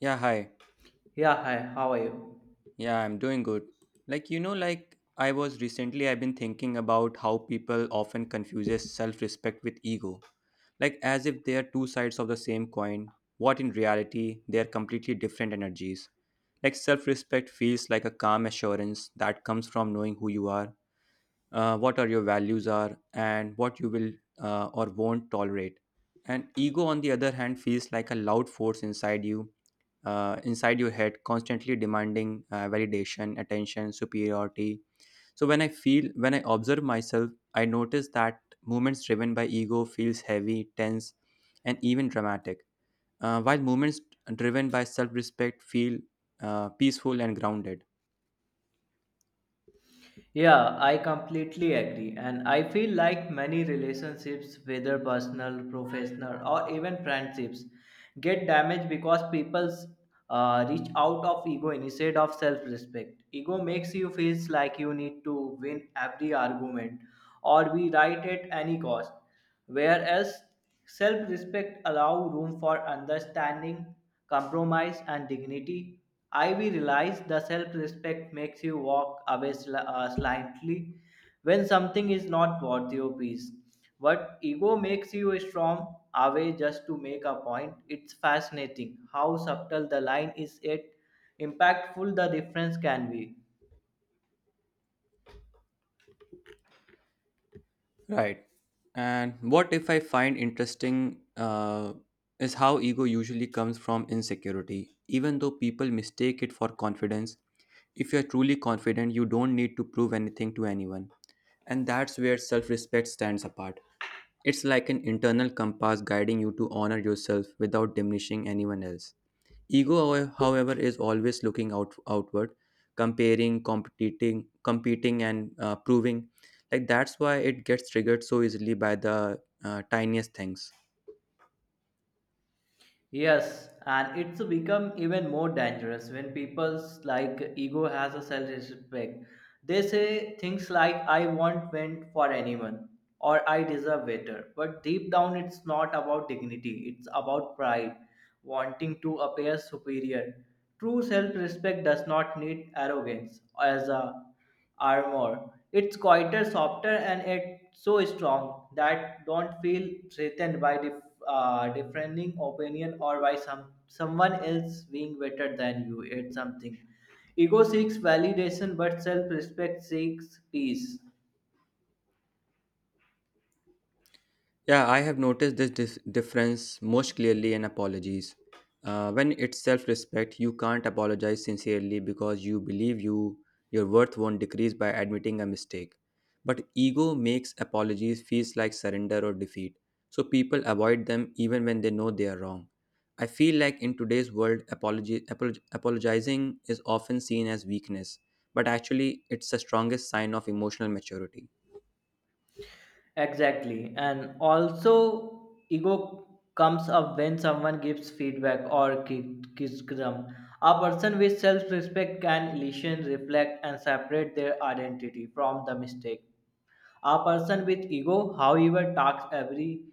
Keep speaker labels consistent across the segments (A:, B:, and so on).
A: Yeah, hi.
B: Yeah, hi, how are you?
A: Yeah, I'm doing good. Like I was recently I've been thinking about how people often confuses self-respect with ego. Like as if they are two sides of the same coin, what in reality they are completely different energies. Like self-respect feels like a calm assurance that comes from knowing who you are what are your values are and what you will or won't tolerate. And ego on the other hand feels like a loud force inside you, inside your head, constantly demanding validation, attention, superiority. So when I observe myself, I notice that movements driven by ego feels heavy, tense, and even dramatic, while movements driven by self-respect feel peaceful and grounded.
B: Yeah, I completely agree. And I feel like many relationships, whether personal, professional, or even friendships, get damaged because people reach out of ego instead of self respect. Ego makes you feel like you need to win every argument or be right at any cost. Whereas self respect allow room for understanding, compromise, and dignity. Ivy realized the self respect makes you walk away slightly when something is not worth your peace. But ego makes you strong away just to make a point. It's fascinating how subtle the line is, yet impactful the difference can be.
A: Right. And what if I find interesting is how ego usually comes from insecurity, even though people mistake it for confidence. If you're truly confident, you don't need to prove anything to anyone. And that's where self respect stands apart. It's like an internal compass guiding you to honor yourself without diminishing anyone else. Ego, however, is always looking out outward, comparing, competing, and proving. Like that's why it gets triggered so easily by the tiniest things.
B: Yes, and it's become even more dangerous when people's like ego has a self-respect. They say things like I want went for anyone or I deserve better. But deep down it's not about dignity, it's about pride wanting to appear superior. True self respect does not need arrogance as a armor. It's quieter, softer, and it's so strong that don't feel threatened by differing opinion or by someone else being better than you. It's something. Ego seeks validation, but self respect seeks peace.
A: Yeah, I have noticed this difference most clearly in apologies. When it's self-respect, you can't apologize sincerely because you believe your worth won't decrease by admitting a mistake. But ego makes apologies feels like surrender or defeat, so people avoid them even when they know they are wrong. I feel like in today's world, apologizing is often seen as weakness, but actually, it's the strongest sign of emotional maturity.
B: Exactly. And also, ego comes up when someone gives feedback or criticism. A person with self respect can listen, reflect, and separate their identity from the mistake. A person with ego, however, talks every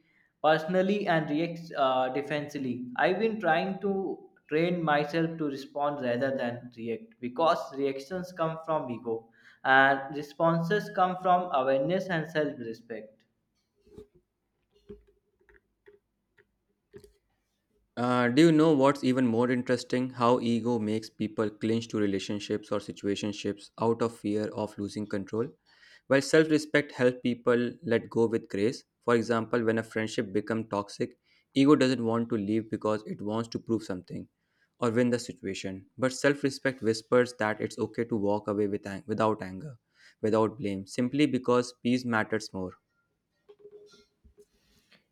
B: personally and reacts defensively. I've been trying to train myself to respond rather than react because reactions come from ego and responses come from awareness and self respect.
A: Do you know what's even more interesting? How ego makes people clinch to relationships or situationships out of fear of losing control, while self respect helps people let go with grace. For example, when a friendship becomes toxic, ego doesn't want to leave because it wants to prove something or win the situation. But self respect whispers that it's okay to walk away without anger, without blame, simply because peace matters more.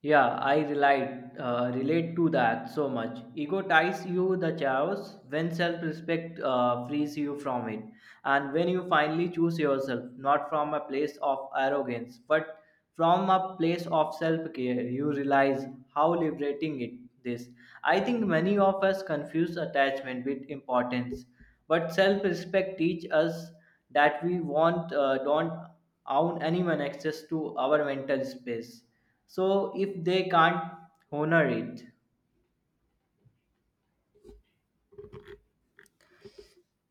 B: Yeah, I relate to that so much. Ego ties you the chaos when self respect frees you from it. And when you finally choose yourself, not from a place of arrogance, but from a place of self care, you realize how liberating it is. I think many of us confuse attachment with importance, but self respect teaches us that we don't own anyone access to our mental space so if they can't honor it,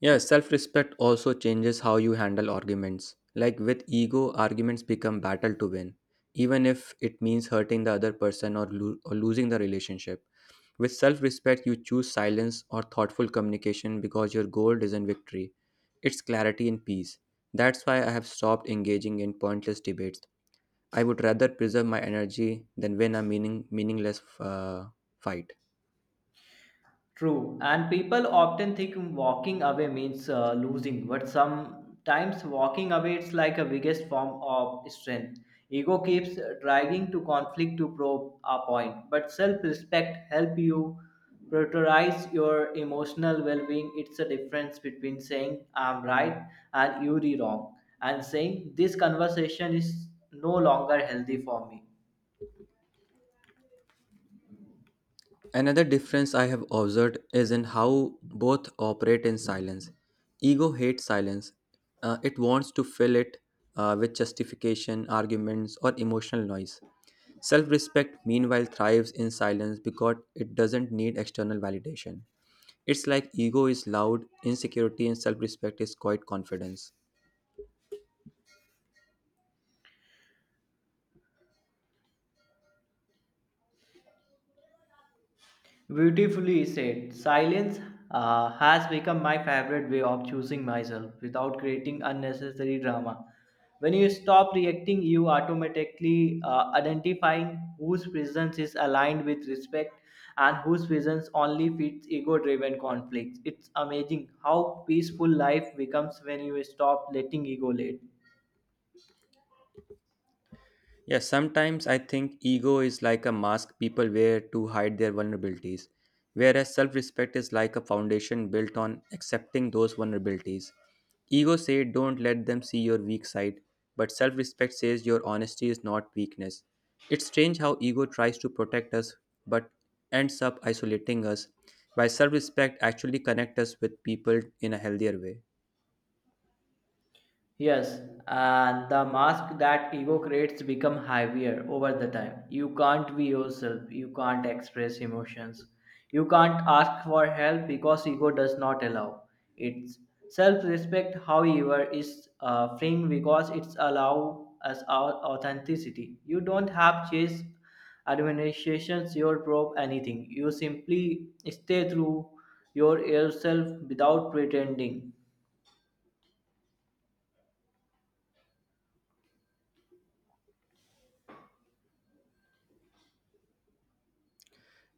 A: Yeah, self respect also changes how you handle arguments. Like with ego, arguments become battle to win, even if it means hurting the other person or losing the relationship. With self respect, you choose silence or thoughtful communication because your goal isn't victory, it's clarity and peace. That's why I have stopped engaging in pointless debates. I would rather preserve my energy than win a meaningless fight.
B: true. And people often think walking away means losing, but sometimes walking away it's like a biggest form of strength. Ego keeps dragging to conflict to prove a point, but self-respect help you prioritize your emotional well-being. It's a difference between saying I'm right and you're wrong, and saying this conversation is no longer healthy for me.
A: Another difference I have observed is in how both operate in silence. Ego hates silence. It wants to fill it with justification, arguments, or emotional noise. Self respect, meanwhile, thrives in silence because it doesn't need external validation. It's like ego is loud insecurity, and self respect is quiet confidence.
B: Beautifully said. Silence has become my favorite way of choosing myself without creating unnecessary drama. When you stop reacting, you automatically identifying whose presence is aligned with respect and whose presence only feeds ego-driven conflicts. It's amazing how peaceful life becomes when you stop letting ego lead.
A: Yeah, sometimes I think ego is like a mask people wear to hide their vulnerabilities, whereas self respect is like a foundation built on accepting those vulnerabilities. Ego says don't let them see your weak side, but self respect says your honesty is not weakness. It's strange how ego tries to protect us but ends up isolating us, while self respect actually connects us with people in a healthier way.
B: Yes, and the mask that ego creates become heavier over the time. You can't be yourself. You can't express emotions. You can't ask for help because ego does not allow. It's self-respect, however, is freeing because it's allow us our authenticity. You don't have chase administrations your probe anything. You simply stay through yourself without pretending.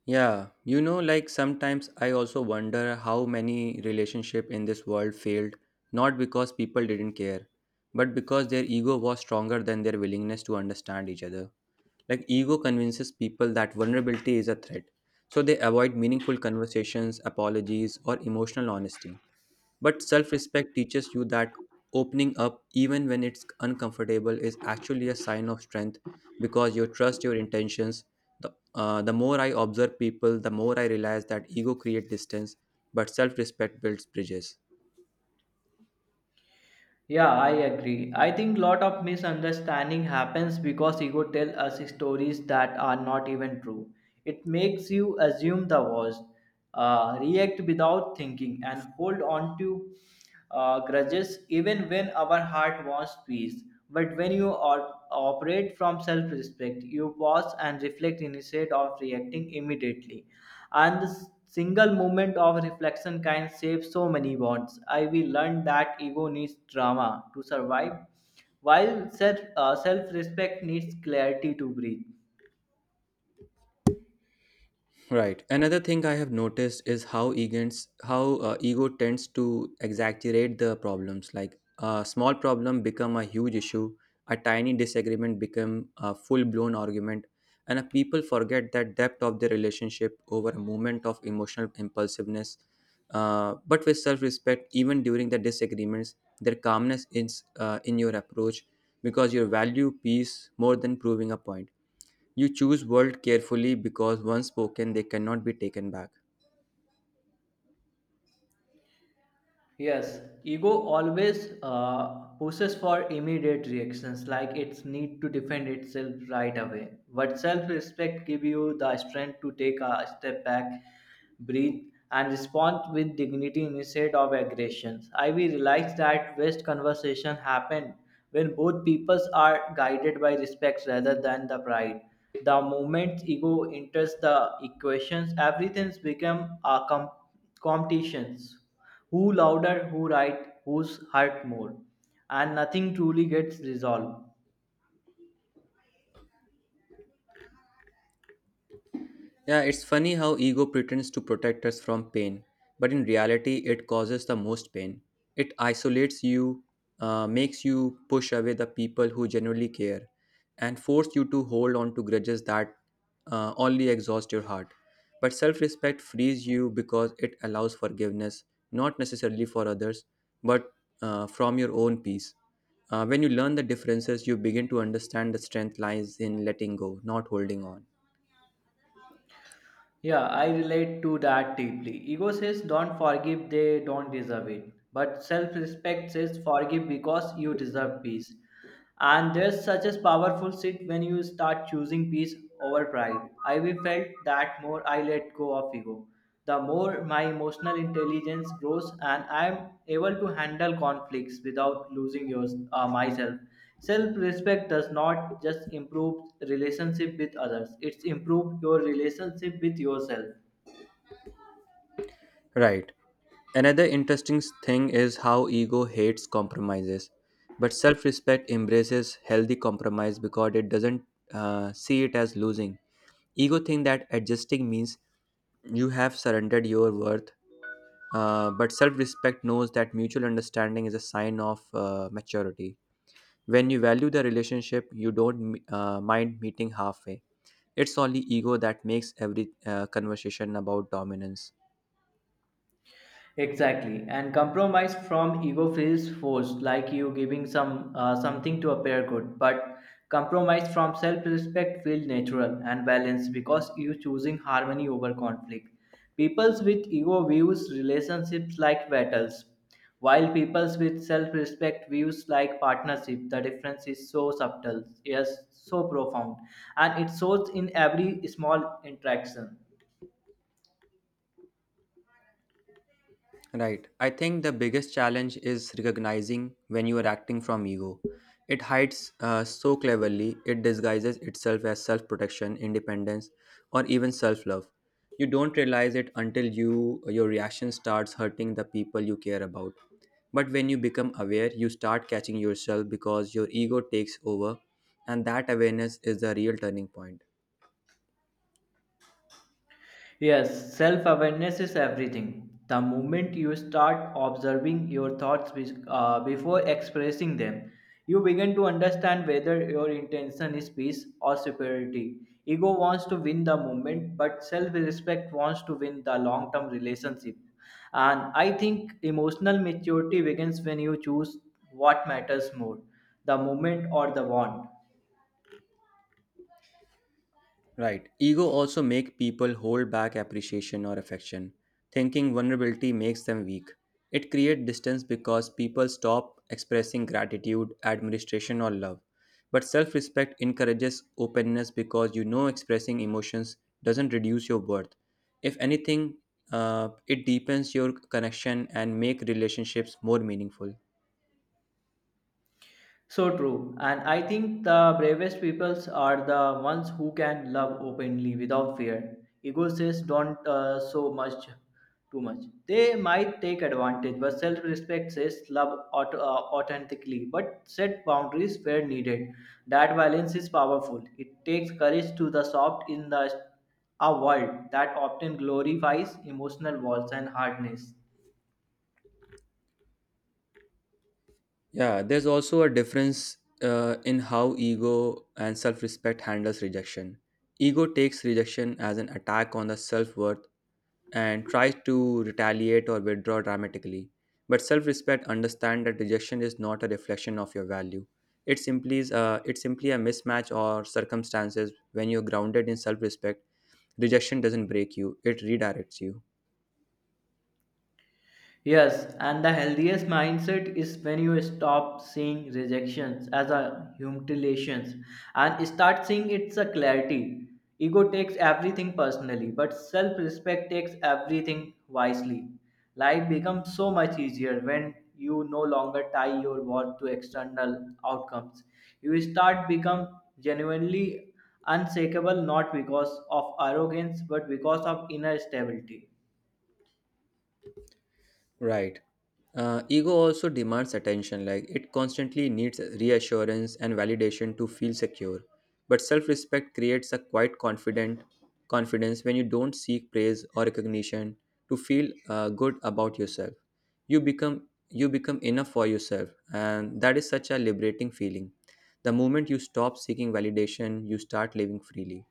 A: Yeah, you know, like sometimes I also wonder how many relationship in this world failed not because people didn't care, but because their ego was stronger than their willingness to understand each other. Like ego convinces people that vulnerability is a threat, so they avoid meaningful conversations, apologies, or emotional honesty. But self respect teaches you that opening up, even when it's uncomfortable, is actually a sign of strength because you trust your intentions. The more I observe people, the more I realize that ego creates distance, but self respect builds bridges.
B: Yeah, I agree. I think lot of misunderstanding happens because ego tell us stories that are not even true. It makes you assume the worst, react without thinking, and hold on to grudges even when our heart wants peace. But when you operate from self respect, you pause and reflect instead of reacting immediately. And the single moment of reflection can save so many bonds. I will learn that ego needs drama to survive, while self respect needs clarity to breathe.
A: Right. Another thing I have noticed is how ego tends to exaggerate the problems. Like a small problem become a huge issue, a tiny disagreement become a full blown argument, and people forget that depth of their relationship over a moment of emotional impulsiveness. But with self respect, even during the disagreements, their calmness is in your approach because you value peace more than proving a point. You choose words carefully because once spoken, they cannot be taken back.
B: Yes, ego always pushes for immediate reactions, like its need to defend itself right away. But self respect gives you the strength to take a step back breathe, and respond with dignity instead of aggressions. I will realize that best conversation happen when both peoples are guided by respect rather than the pride. The moment ego enters the equations, everything's become a competitions. Who louder, who right, who's hurt more, and nothing truly gets resolved.
A: Yeah, it's funny how ego pretends to protect us from pain, but in reality, it causes the most pain. It isolates you, makes you push away the people who genuinely care, and force you to hold on to grudges that only exhaust your heart. But self respect frees you because it allows forgiveness, not necessarily for others, but from your own peace. When you learn the differences, you begin to understand the strength lies in letting go, not holding on.
B: Yeah, I relate to that deeply. Ego says don't forgive, they don't deserve it. But self respect says forgive because you deserve peace. And there's such a powerful shift when you start choosing peace over pride. I will felt that more I let go of ego, the more my emotional intelligence grows and I am able to handle conflicts without losing myself. Self-respect does not just improve relationship with others, it's improve your relationship with yourself.
A: Right. Another interesting thing is how ego hates compromises, but self respect embraces healthy compromise because it doesn't see it as losing. Ego think that adjusting means you have surrendered your worth, but self respect knows that mutual understanding is a sign of maturity. When you value the relationship, you don't mind meeting halfway. It's only ego that makes every conversation about dominance.
B: Exactly, and compromise from ego feels forced, like you giving something to appear good. But compromise from self-respect feels natural and balanced because you choosing harmony over conflict. Peoples with ego views relationships like battles, while peoples with self-respect views like partnership. The difference is so subtle, yes, so profound, and it shows in every small interaction.
A: Right. I think the biggest challenge is recognizing when you are acting from ego. It hides so cleverly, it disguises itself as self protection, independence, or even self love. You don't realize it until your reaction starts hurting the people you care about. But when you become aware, you start catching yourself because your ego takes over, and that awareness is the real turning point.
B: Yes, self awareness is everything. The moment you start observing your thoughts before expressing them, you begin to understand whether your intention is peace or superiority. Ego wants to win the moment, but self respect wants to win the long term relationship. And I think emotional maturity begins when you choose what matters more the moment or the want.
A: Right. Ego also make people hold back appreciation or affection, thinking vulnerability makes them weak. It creates distance because people stop expressing gratitude, admiration, or love. But self-respect encourages openness because you know expressing emotions doesn't reduce your worth. If anything, it deepens your connection and make relationships more meaningful.
B: So true. And I think the bravest peoples are the ones who can love openly without fear. Ego says don't so much, too much. They might take advantage, but self respect says love authentically, but set boundaries where needed. That balance is powerful. It takes courage to the soft in the a world that often glorifies emotional walls and hardness.
A: Yeah, there's also a difference in how ego and self-respect handles rejection. Ego takes rejection as an attack on the self-worth and tries to retaliate or withdraw dramatically. But self-respect understands that rejection is not a reflection of your value. It's simply a mismatch or circumstances. When you're grounded in self-respect, rejection doesn't break you; it redirects you.
B: Yes, and the healthiest mindset is when you stop seeing rejections as a humiliations and start seeing it's a clarity. Ego takes everything personally, but self-respect takes everything wisely. Life becomes so much easier when you no longer tie your worth to external outcomes. You start become genuinely unshakable not because of arrogance but because of inner stability.
A: Right. Ego also demands attention, like it constantly needs reassurance and validation to feel secure. But self respect creates a quite confident confidence when you don't seek praise or recognition to feel good about yourself. You become enough for yourself, and that is such a liberating feeling. The moment you stop seeking validation, you start living freely.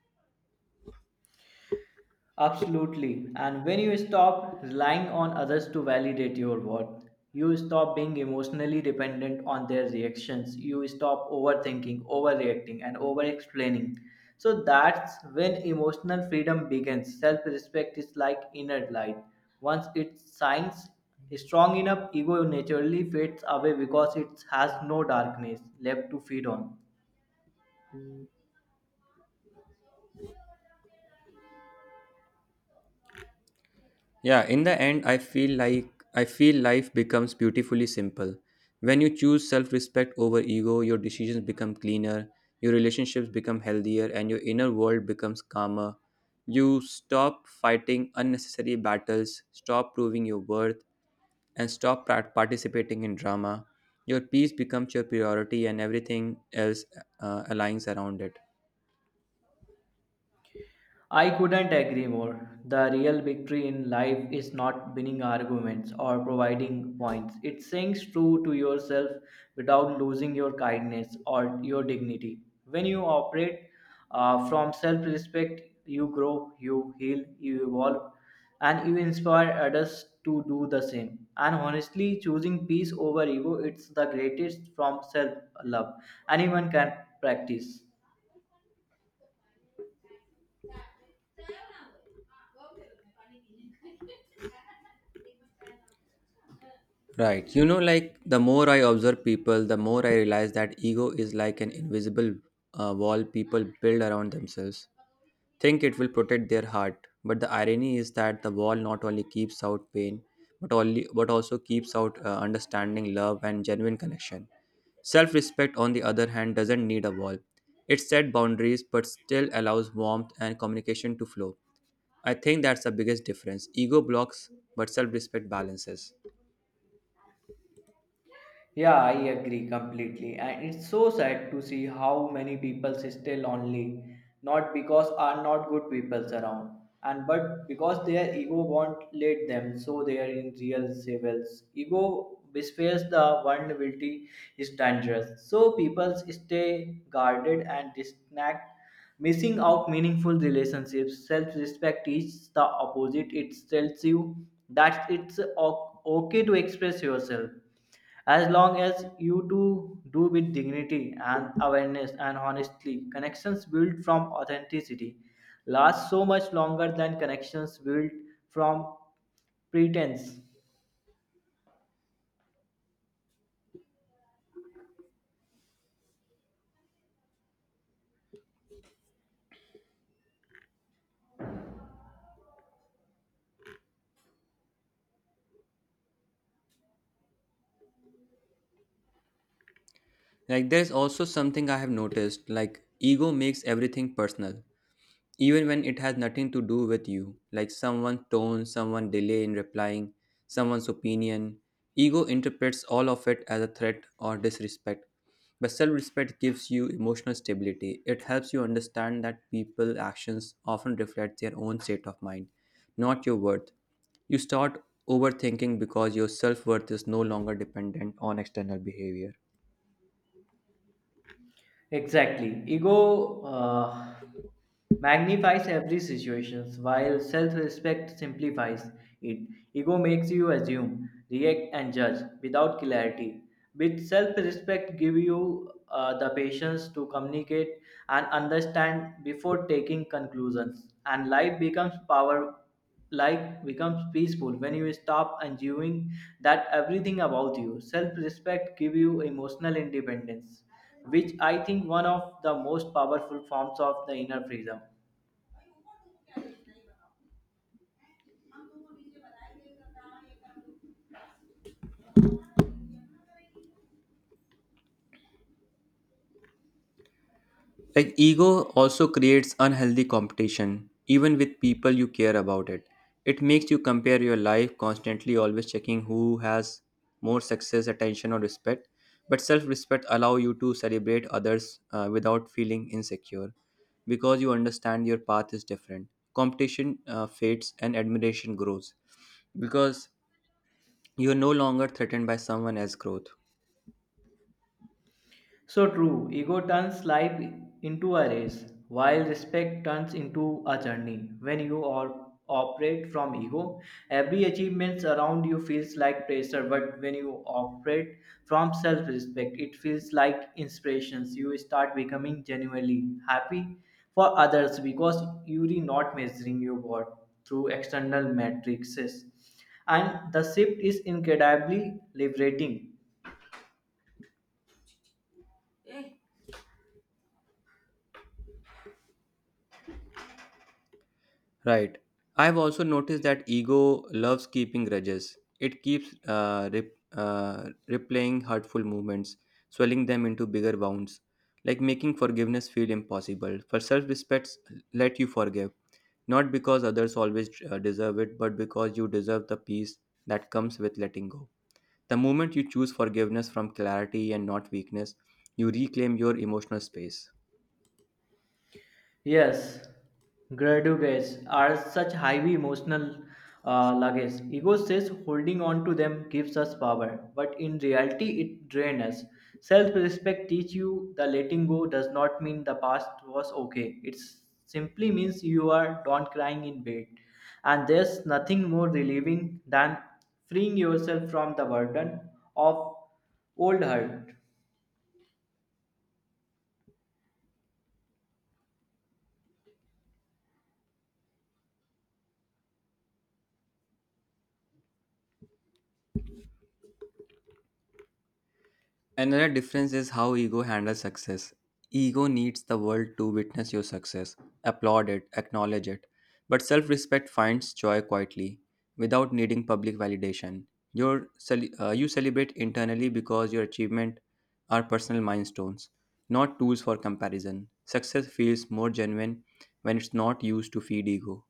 B: Absolutely. And when you stop relying on others to validate your worth, you stop being emotionally dependent on their reactions. You stop overthinking, overreacting, and over explaining. So that's when emotional freedom begins. Self respect is like inner light. Once it shines strong enough, ego naturally fades away because it has no darkness left to feed on.
A: Yeah, in the end, I feel life becomes beautifully simple. When you choose self-respect over ego, your decisions become cleaner, your relationships become healthier, and your inner world becomes calmer. You stop fighting unnecessary battles, stop proving your worth, and stop participating in drama. Your peace becomes your priority, and everything else aligns around it.
B: I couldn't agree more. The real victory in life is not winning arguments or providing points. It's saying true to yourself without losing your kindness or your dignity. When you operate from self respect, you grow, you heal, you evolve, and you inspire others to do the same. And honestly, choosing peace over ego, it's the greatest from self love. Anyone can practice.
A: Right. You know, like the more I observe people, the more I realize that ego is like an invisible wall people build around themselves. Think it will protect their heart, but the irony is that the wall not only keeps out pain, but also keeps out understanding, love, and genuine connection. Self-respect, on the other hand, doesn't need a wall. It set boundaries, but still allows warmth and communication to flow. I think that's the biggest difference. Ego blocks, but self-respect balances.
B: Yeah, I agree completely. And it's so sad to see how many people stay lonely, not because are not good people around, and but because their ego won't let them, so they are in real sevels. Ego bespears the vulnerability is dangerous. So people stay guarded and disconnect, missing out meaningful relationships. Self-respect is the opposite. It tells you that it's okay to express yourself as long as you two do with dignity and awareness and honestly, connections built from authenticity last so much longer than connections built from pretense.
A: Like there's also something I have noticed, like ego makes everything personal even when it has nothing to do with you, like someone's tone, someone delay in replying, someone's opinion. Ego interprets all of it as a threat or disrespect, but self-respect gives you emotional stability. It helps you understand that people's actions often reflect their own state of mind, not your worth. You start overthinking because your self-worth is no longer dependent on external behavior.
B: Exactly. Ego magnifies every situation, while self respect simplifies it. Ego makes you assume, react, and judge without clarity. With self respect, give you the patience to communicate and understand before taking conclusions. And life becomes power. Life becomes peaceful when you stop assuming that everything about you. Self respect give you emotional independence which I think one of the most powerful forms of the inner freedom.
A: Like ego also creates unhealthy competition, even with people you care about it. It makes you compare your life constantly, always checking who has more success, attention, or respect. But self-respect allow you to celebrate others without feeling insecure, because you understand your path is different. Competition fades and admiration grows, because you are no longer threatened by someone else's growth.
B: So true, ego turns life into a race, while respect turns into a journey. When you are, operate from ego, every achievement around you feels like pressure, but when you operate from self respect, it feels like inspirations. You start becoming genuinely happy for others because you are not measuring your worth through external matrices. And the shift is incredibly liberating.
A: Right. I've also noticed that ego loves keeping grudges. It keeps replaying hurtful movements, swelling them into bigger wounds, like making forgiveness feel impossible. For self respects, let you forgive, not because others always deserve it, but because you deserve the peace that comes with letting go. The moment you choose forgiveness from clarity and not weakness, you reclaim your emotional space.
B: Yes, graduates are such heavy emotional luggage. Ego says holding on to them gives us power, but in reality, it drains us. Self-respect teach you the letting go does not mean the past was okay. It simply means you are not crying in bed, and there's nothing more relieving than freeing yourself from the burden of old hurt.
A: Another difference is how ego handles success. Ego needs the world to witness your success, applaud it, acknowledge it. But self respect finds joy quietly, without needing public validation. You celebrate internally because your achievement are personal milestones, not tools for comparison. Success feels more genuine when it's not used to feed ego.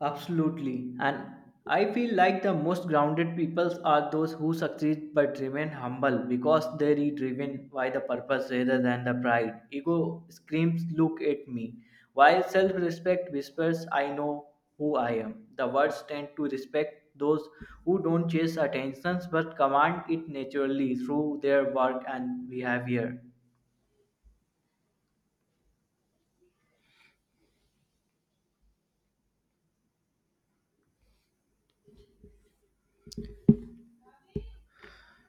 B: Absolutely. And I feel like the most grounded peoples are those who succeed but remain humble because they are driven by the purpose rather than the pride. Ego screams, "Look at me." While self respect whispers, "I know who I am." The words tend to respect those who don't chase attentions but command it naturally through their work and behavior.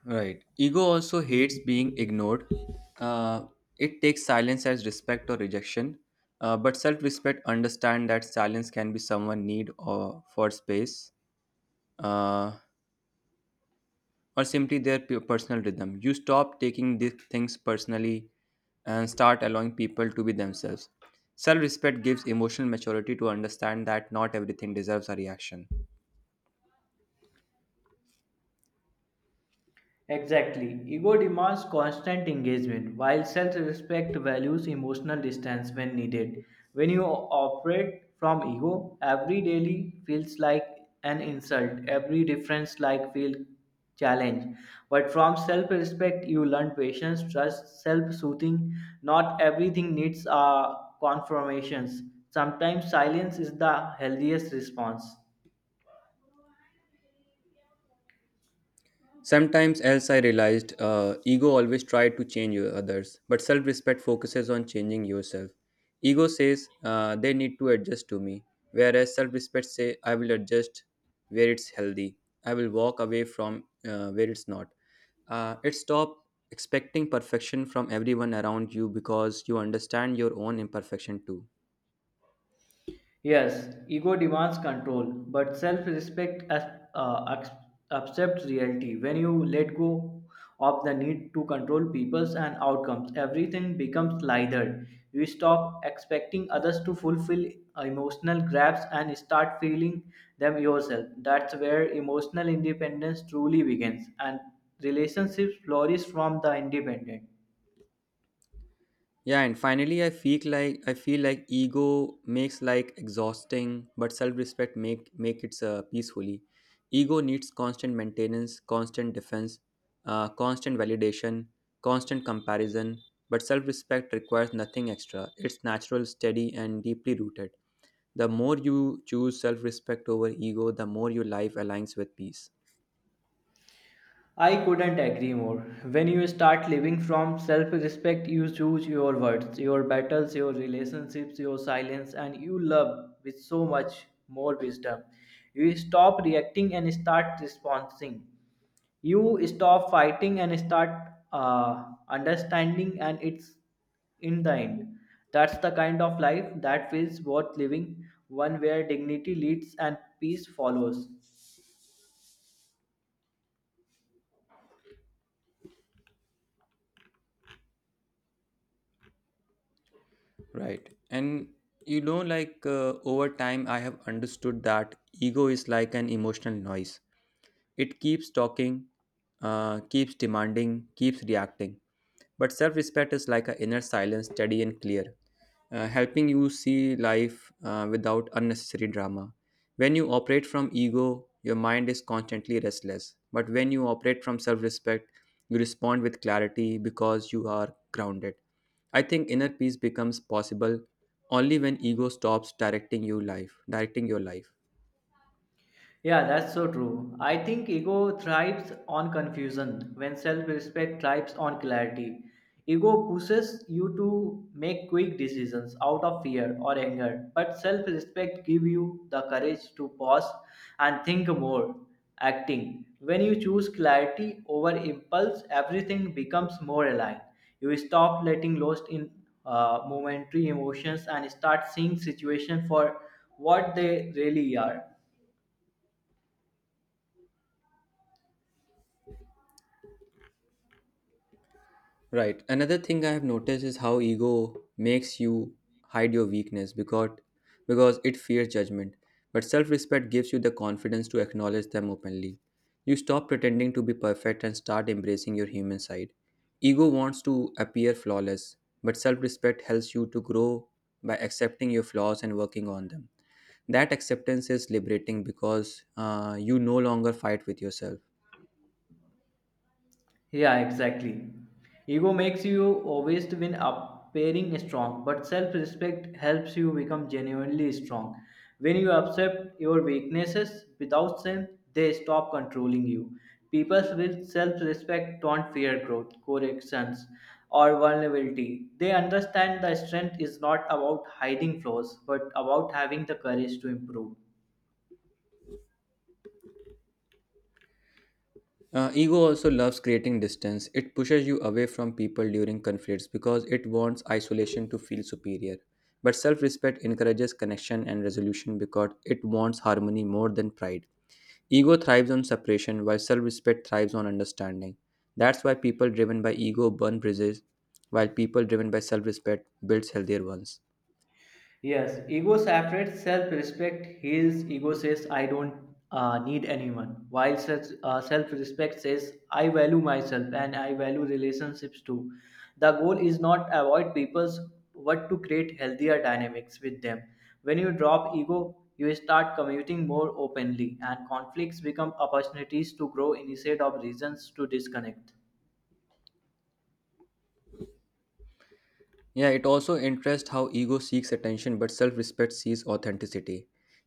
A: Right. Ego also hates being ignored. Uh, it takes silence as respect or rejection. But self-respect understand that silence can be someone need or for space, uh, or simply their personal rhythm. You stop taking these things personally and start allowing people to be themselves. Self-respect gives emotional maturity to understand that not everything deserves a reaction.
B: Exactly. Ego demands constant engagement, while self respect values emotional distance when needed. When you operate from ego, every daily feels like an insult, every difference like feel challenge. But from self respect, you learn patience, trust, self soothing. Not everything needs confirmations. Sometimes silence is the healthiest response.
A: Sometimes else I realized ego always try to change others, but self-respect focuses on changing yourself. Ego says they need to adjust to me, whereas self-respect say I will adjust where it's healthy. I will walk away from where it's not. It stop expecting perfection from everyone around you because you understand your own imperfection too.
B: Yes, ego demands control, but self respect accepts reality. When you let go of the need to control people's and outcomes, everything becomes lighter. You stop expecting others to fulfill emotional grabs and start feeling them yourself. That's where emotional independence truly begins, and relationships flourish from the independent.
A: Yeah, and finally I feel like ego makes like exhausting, but self-respect make it peacefully. Ego needs constant maintenance, constant defense, constant validation, constant comparison, but self-respect requires nothing extra. It's natural, steady and deeply rooted. The more you choose self-respect over ego, the more your life aligns with peace.
B: I couldn't agree more. When you start living from self respect, you choose your words, your battles, your relationships, your silence, and you love with so much more wisdom. You stop reacting and start responding. You stop fighting and start understanding, and it's in the end. That's the kind of life that feels worth living, one where dignity leads and peace follows.
A: Right. And you know like over time I have understood that ego is like an emotional noise. It keeps talking, keeps demanding, keeps reacting. But self respect is like an inner silence, steady and clear, helping you see life without unnecessary drama. When you operate from ego, your mind is constantly restless. But when you operate from self respect, you respond with clarity because you are grounded. I think inner peace becomes possible only when ego stops directing your life.
B: Yeah, that's so true. I think ego thrives on confusion when self respect thrives on clarity. Ego pushes you to make quick decisions out of fear or anger, but self respect gives you the courage to pause and think more. Acting. When you choose clarity over impulse, everything becomes more aligned. You stop letting lost in momentary emotions and start seeing situation for what they really are.
A: Right. Another thing I have noticed is how ego makes you hide your weakness because it fears judgment. But self-respect gives you the confidence to acknowledge them openly. You stop pretending to be perfect and start embracing your human side. Ego wants to appear flawless, but self-respect helps you to grow by accepting your flaws and working on them. That acceptance is liberating because you no longer fight with yourself.
B: Yeah, exactly. Ego makes you always to win appearing strong, but self respect helps you become genuinely strong. When you accept your weaknesses without shame, they stop controlling you. People with self respect don't fear growth, corrections, or vulnerability. They understand that strength is not about hiding flaws, but about having the courage to improve.
A: Ego also loves creating distance. It pushes you away from people during conflicts because it wants isolation to feel superior. But self respect encourages connection and resolution because it wants harmony more than pride. Ego thrives on separation while self respect thrives on understanding. That's why people driven by ego burn bridges, while people driven by self respect builds healthier ones.
B: Yes, ego separates self respect, heals, ego says, I don't need anyone, while self respect says, I value myself and I value relationships too. The goal is not avoid people's but to create healthier dynamics with them. When you drop ego, you start commuting more openly, and conflicts become opportunities to grow instead of reasons to disconnect.
A: Yeah, it also interests how ego seeks attention, but self respect sees authenticity.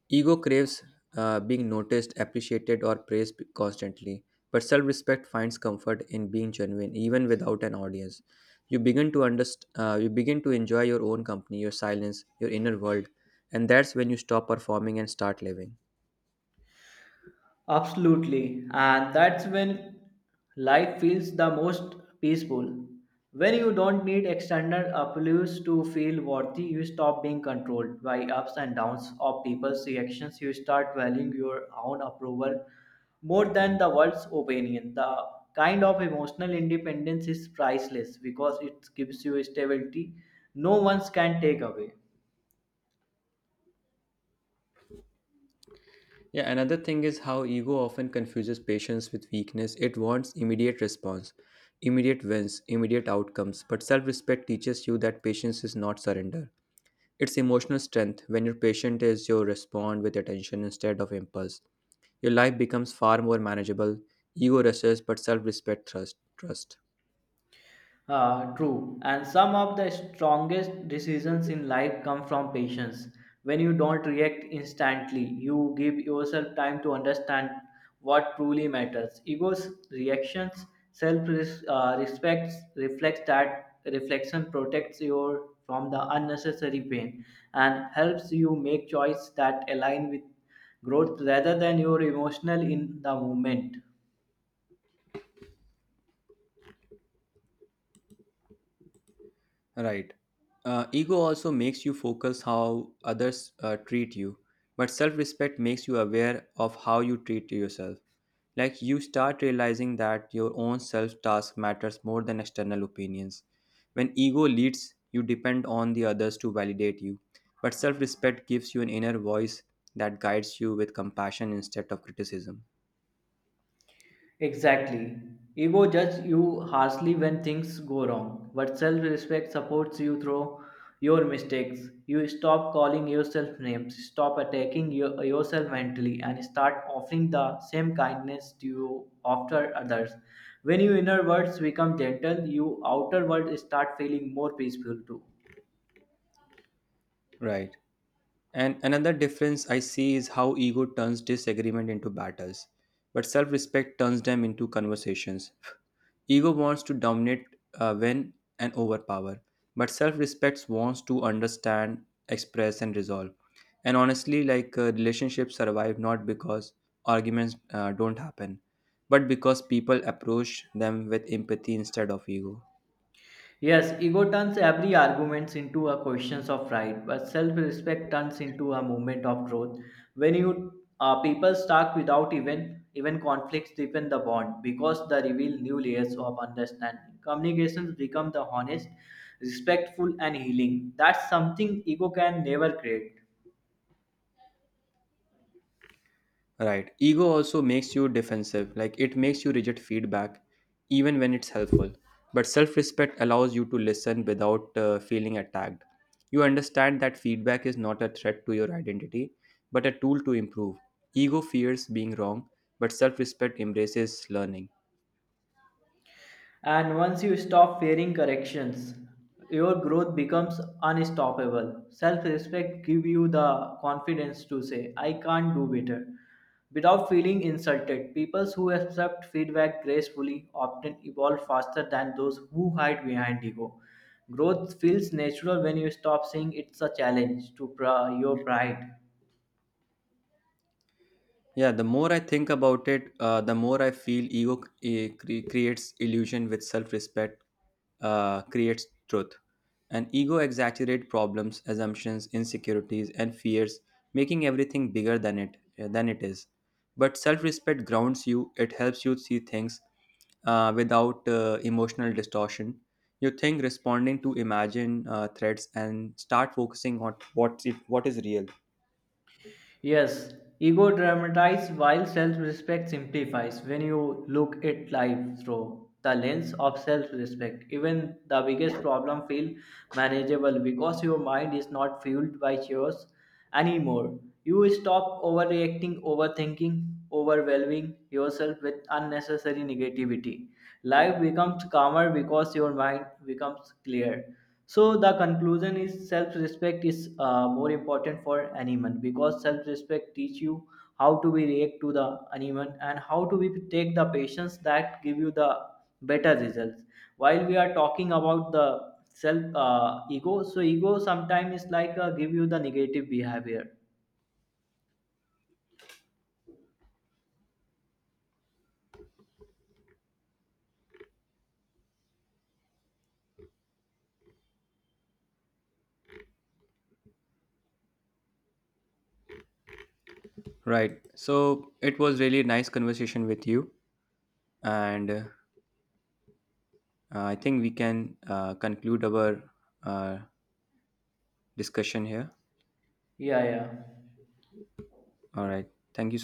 A: Ego craves being noticed, appreciated, or praised constantly, but self respect finds comfort in being genuine, even without an audience. You begin to enjoy your own company, your silence, your inner world, and that's when you stop performing and start living.
B: Absolutely. And that's when life feels the most peaceful. When you don't need external applause to feel worthy, you stop being controlled by ups and downs of people's reactions. You start valuing your own approval more than the world's opinion. The kind of emotional independence is priceless because it gives you stability no one can take away.
A: Yeah, another thing is how ego often confuses patience with weakness. It wants immediate response, immediate wins, immediate outcomes. But self respect teaches you that patience is not surrender. It's emotional strength. When you're patient, is you respond with attention instead of impulse. Your life becomes far more manageable. Ego rushes, but self respect trust. Trust.
B: True. And some of the strongest decisions in life come from patience. When you don't react instantly, you give yourself time to understand what truly matters. Ego's reactions, self respect reflects that reflection protects you from the unnecessary pain and helps you make choices that align with growth rather than your emotional in the moment.
A: Right. Ego also makes you focus how others treat you, but self-respect makes you aware of how you treat yourself. Like you start realizing that your own self-task matters more than external opinions. When ego leads, you depend on the others to validate you, but self-respect gives you an inner voice that guides you with compassion instead of criticism.
B: Exactly. Ego judges you harshly when things go wrong, but self respect supports you through your mistakes. You stop calling yourself names, stop attacking yourself mentally, and start offering the same kindness to you after others. When your inner words become gentle, your outer words start feeling more peaceful too.
A: Right. And another difference I see is how ego turns disagreement into battles, but self respect turns them into conversations. Ego wants to dominate, win, and overpower, but self respect wants to understand, express, and resolve. And honestly, like relationships survive not because arguments don't happen, but because people approach them with empathy instead of ego.
B: Yes, ego turns every argument into a question of right, but self-respect turns into a movement of growth. When you people start without even conflicts deepen the bond because they reveal new layers of understanding. Communications become the honest, respectful, and healing. That's something ego can never create.
A: Right. Ego also makes you defensive, like it makes you reject feedback, even when it's helpful. But self respect allows you to listen without feeling attacked. You understand that feedback is not a threat to your identity, but a tool to improve. Ego fears being wrong, but self respect embraces learning.
B: And once you stop fearing corrections, your growth becomes unstoppable. Self respect give you the confidence to say, I can't do better without feeling insulted. People who accept feedback gracefully often evolve faster than those who hide behind ego. Growth feels natural when you stop seeing it's a challenge to your pride.
A: Yeah, the more I think about it, the more I feel ego creates illusion with self respect, creates truth. And ego exaggerates problems, assumptions, insecurities, and fears, making everything bigger than than it is. But self respect grounds you, it helps you see things without emotional distortion. You think responding to imagine threats and start focusing on what is real.
B: Yes, ego dramatizes while self respect simplifies. When you look at life through the lens of self respect, even the biggest problem feel manageable because your mind is not fueled by chores anymore. You stop overreacting, overthinking, overwhelming yourself with unnecessary negativity. Life becomes calmer because your mind becomes clear. So the conclusion is self-respect is more important for anyone because self-respect teach you how to be react to the anyone and how to be take the patience that give you the better results. While we are talking about the self ego, so ego sometimes is like give you the negative behavior.
A: Right. So it was really nice conversation with you, and I think we can conclude our uh, discussion here.
B: Yeah, yeah.
A: All right. Thank you so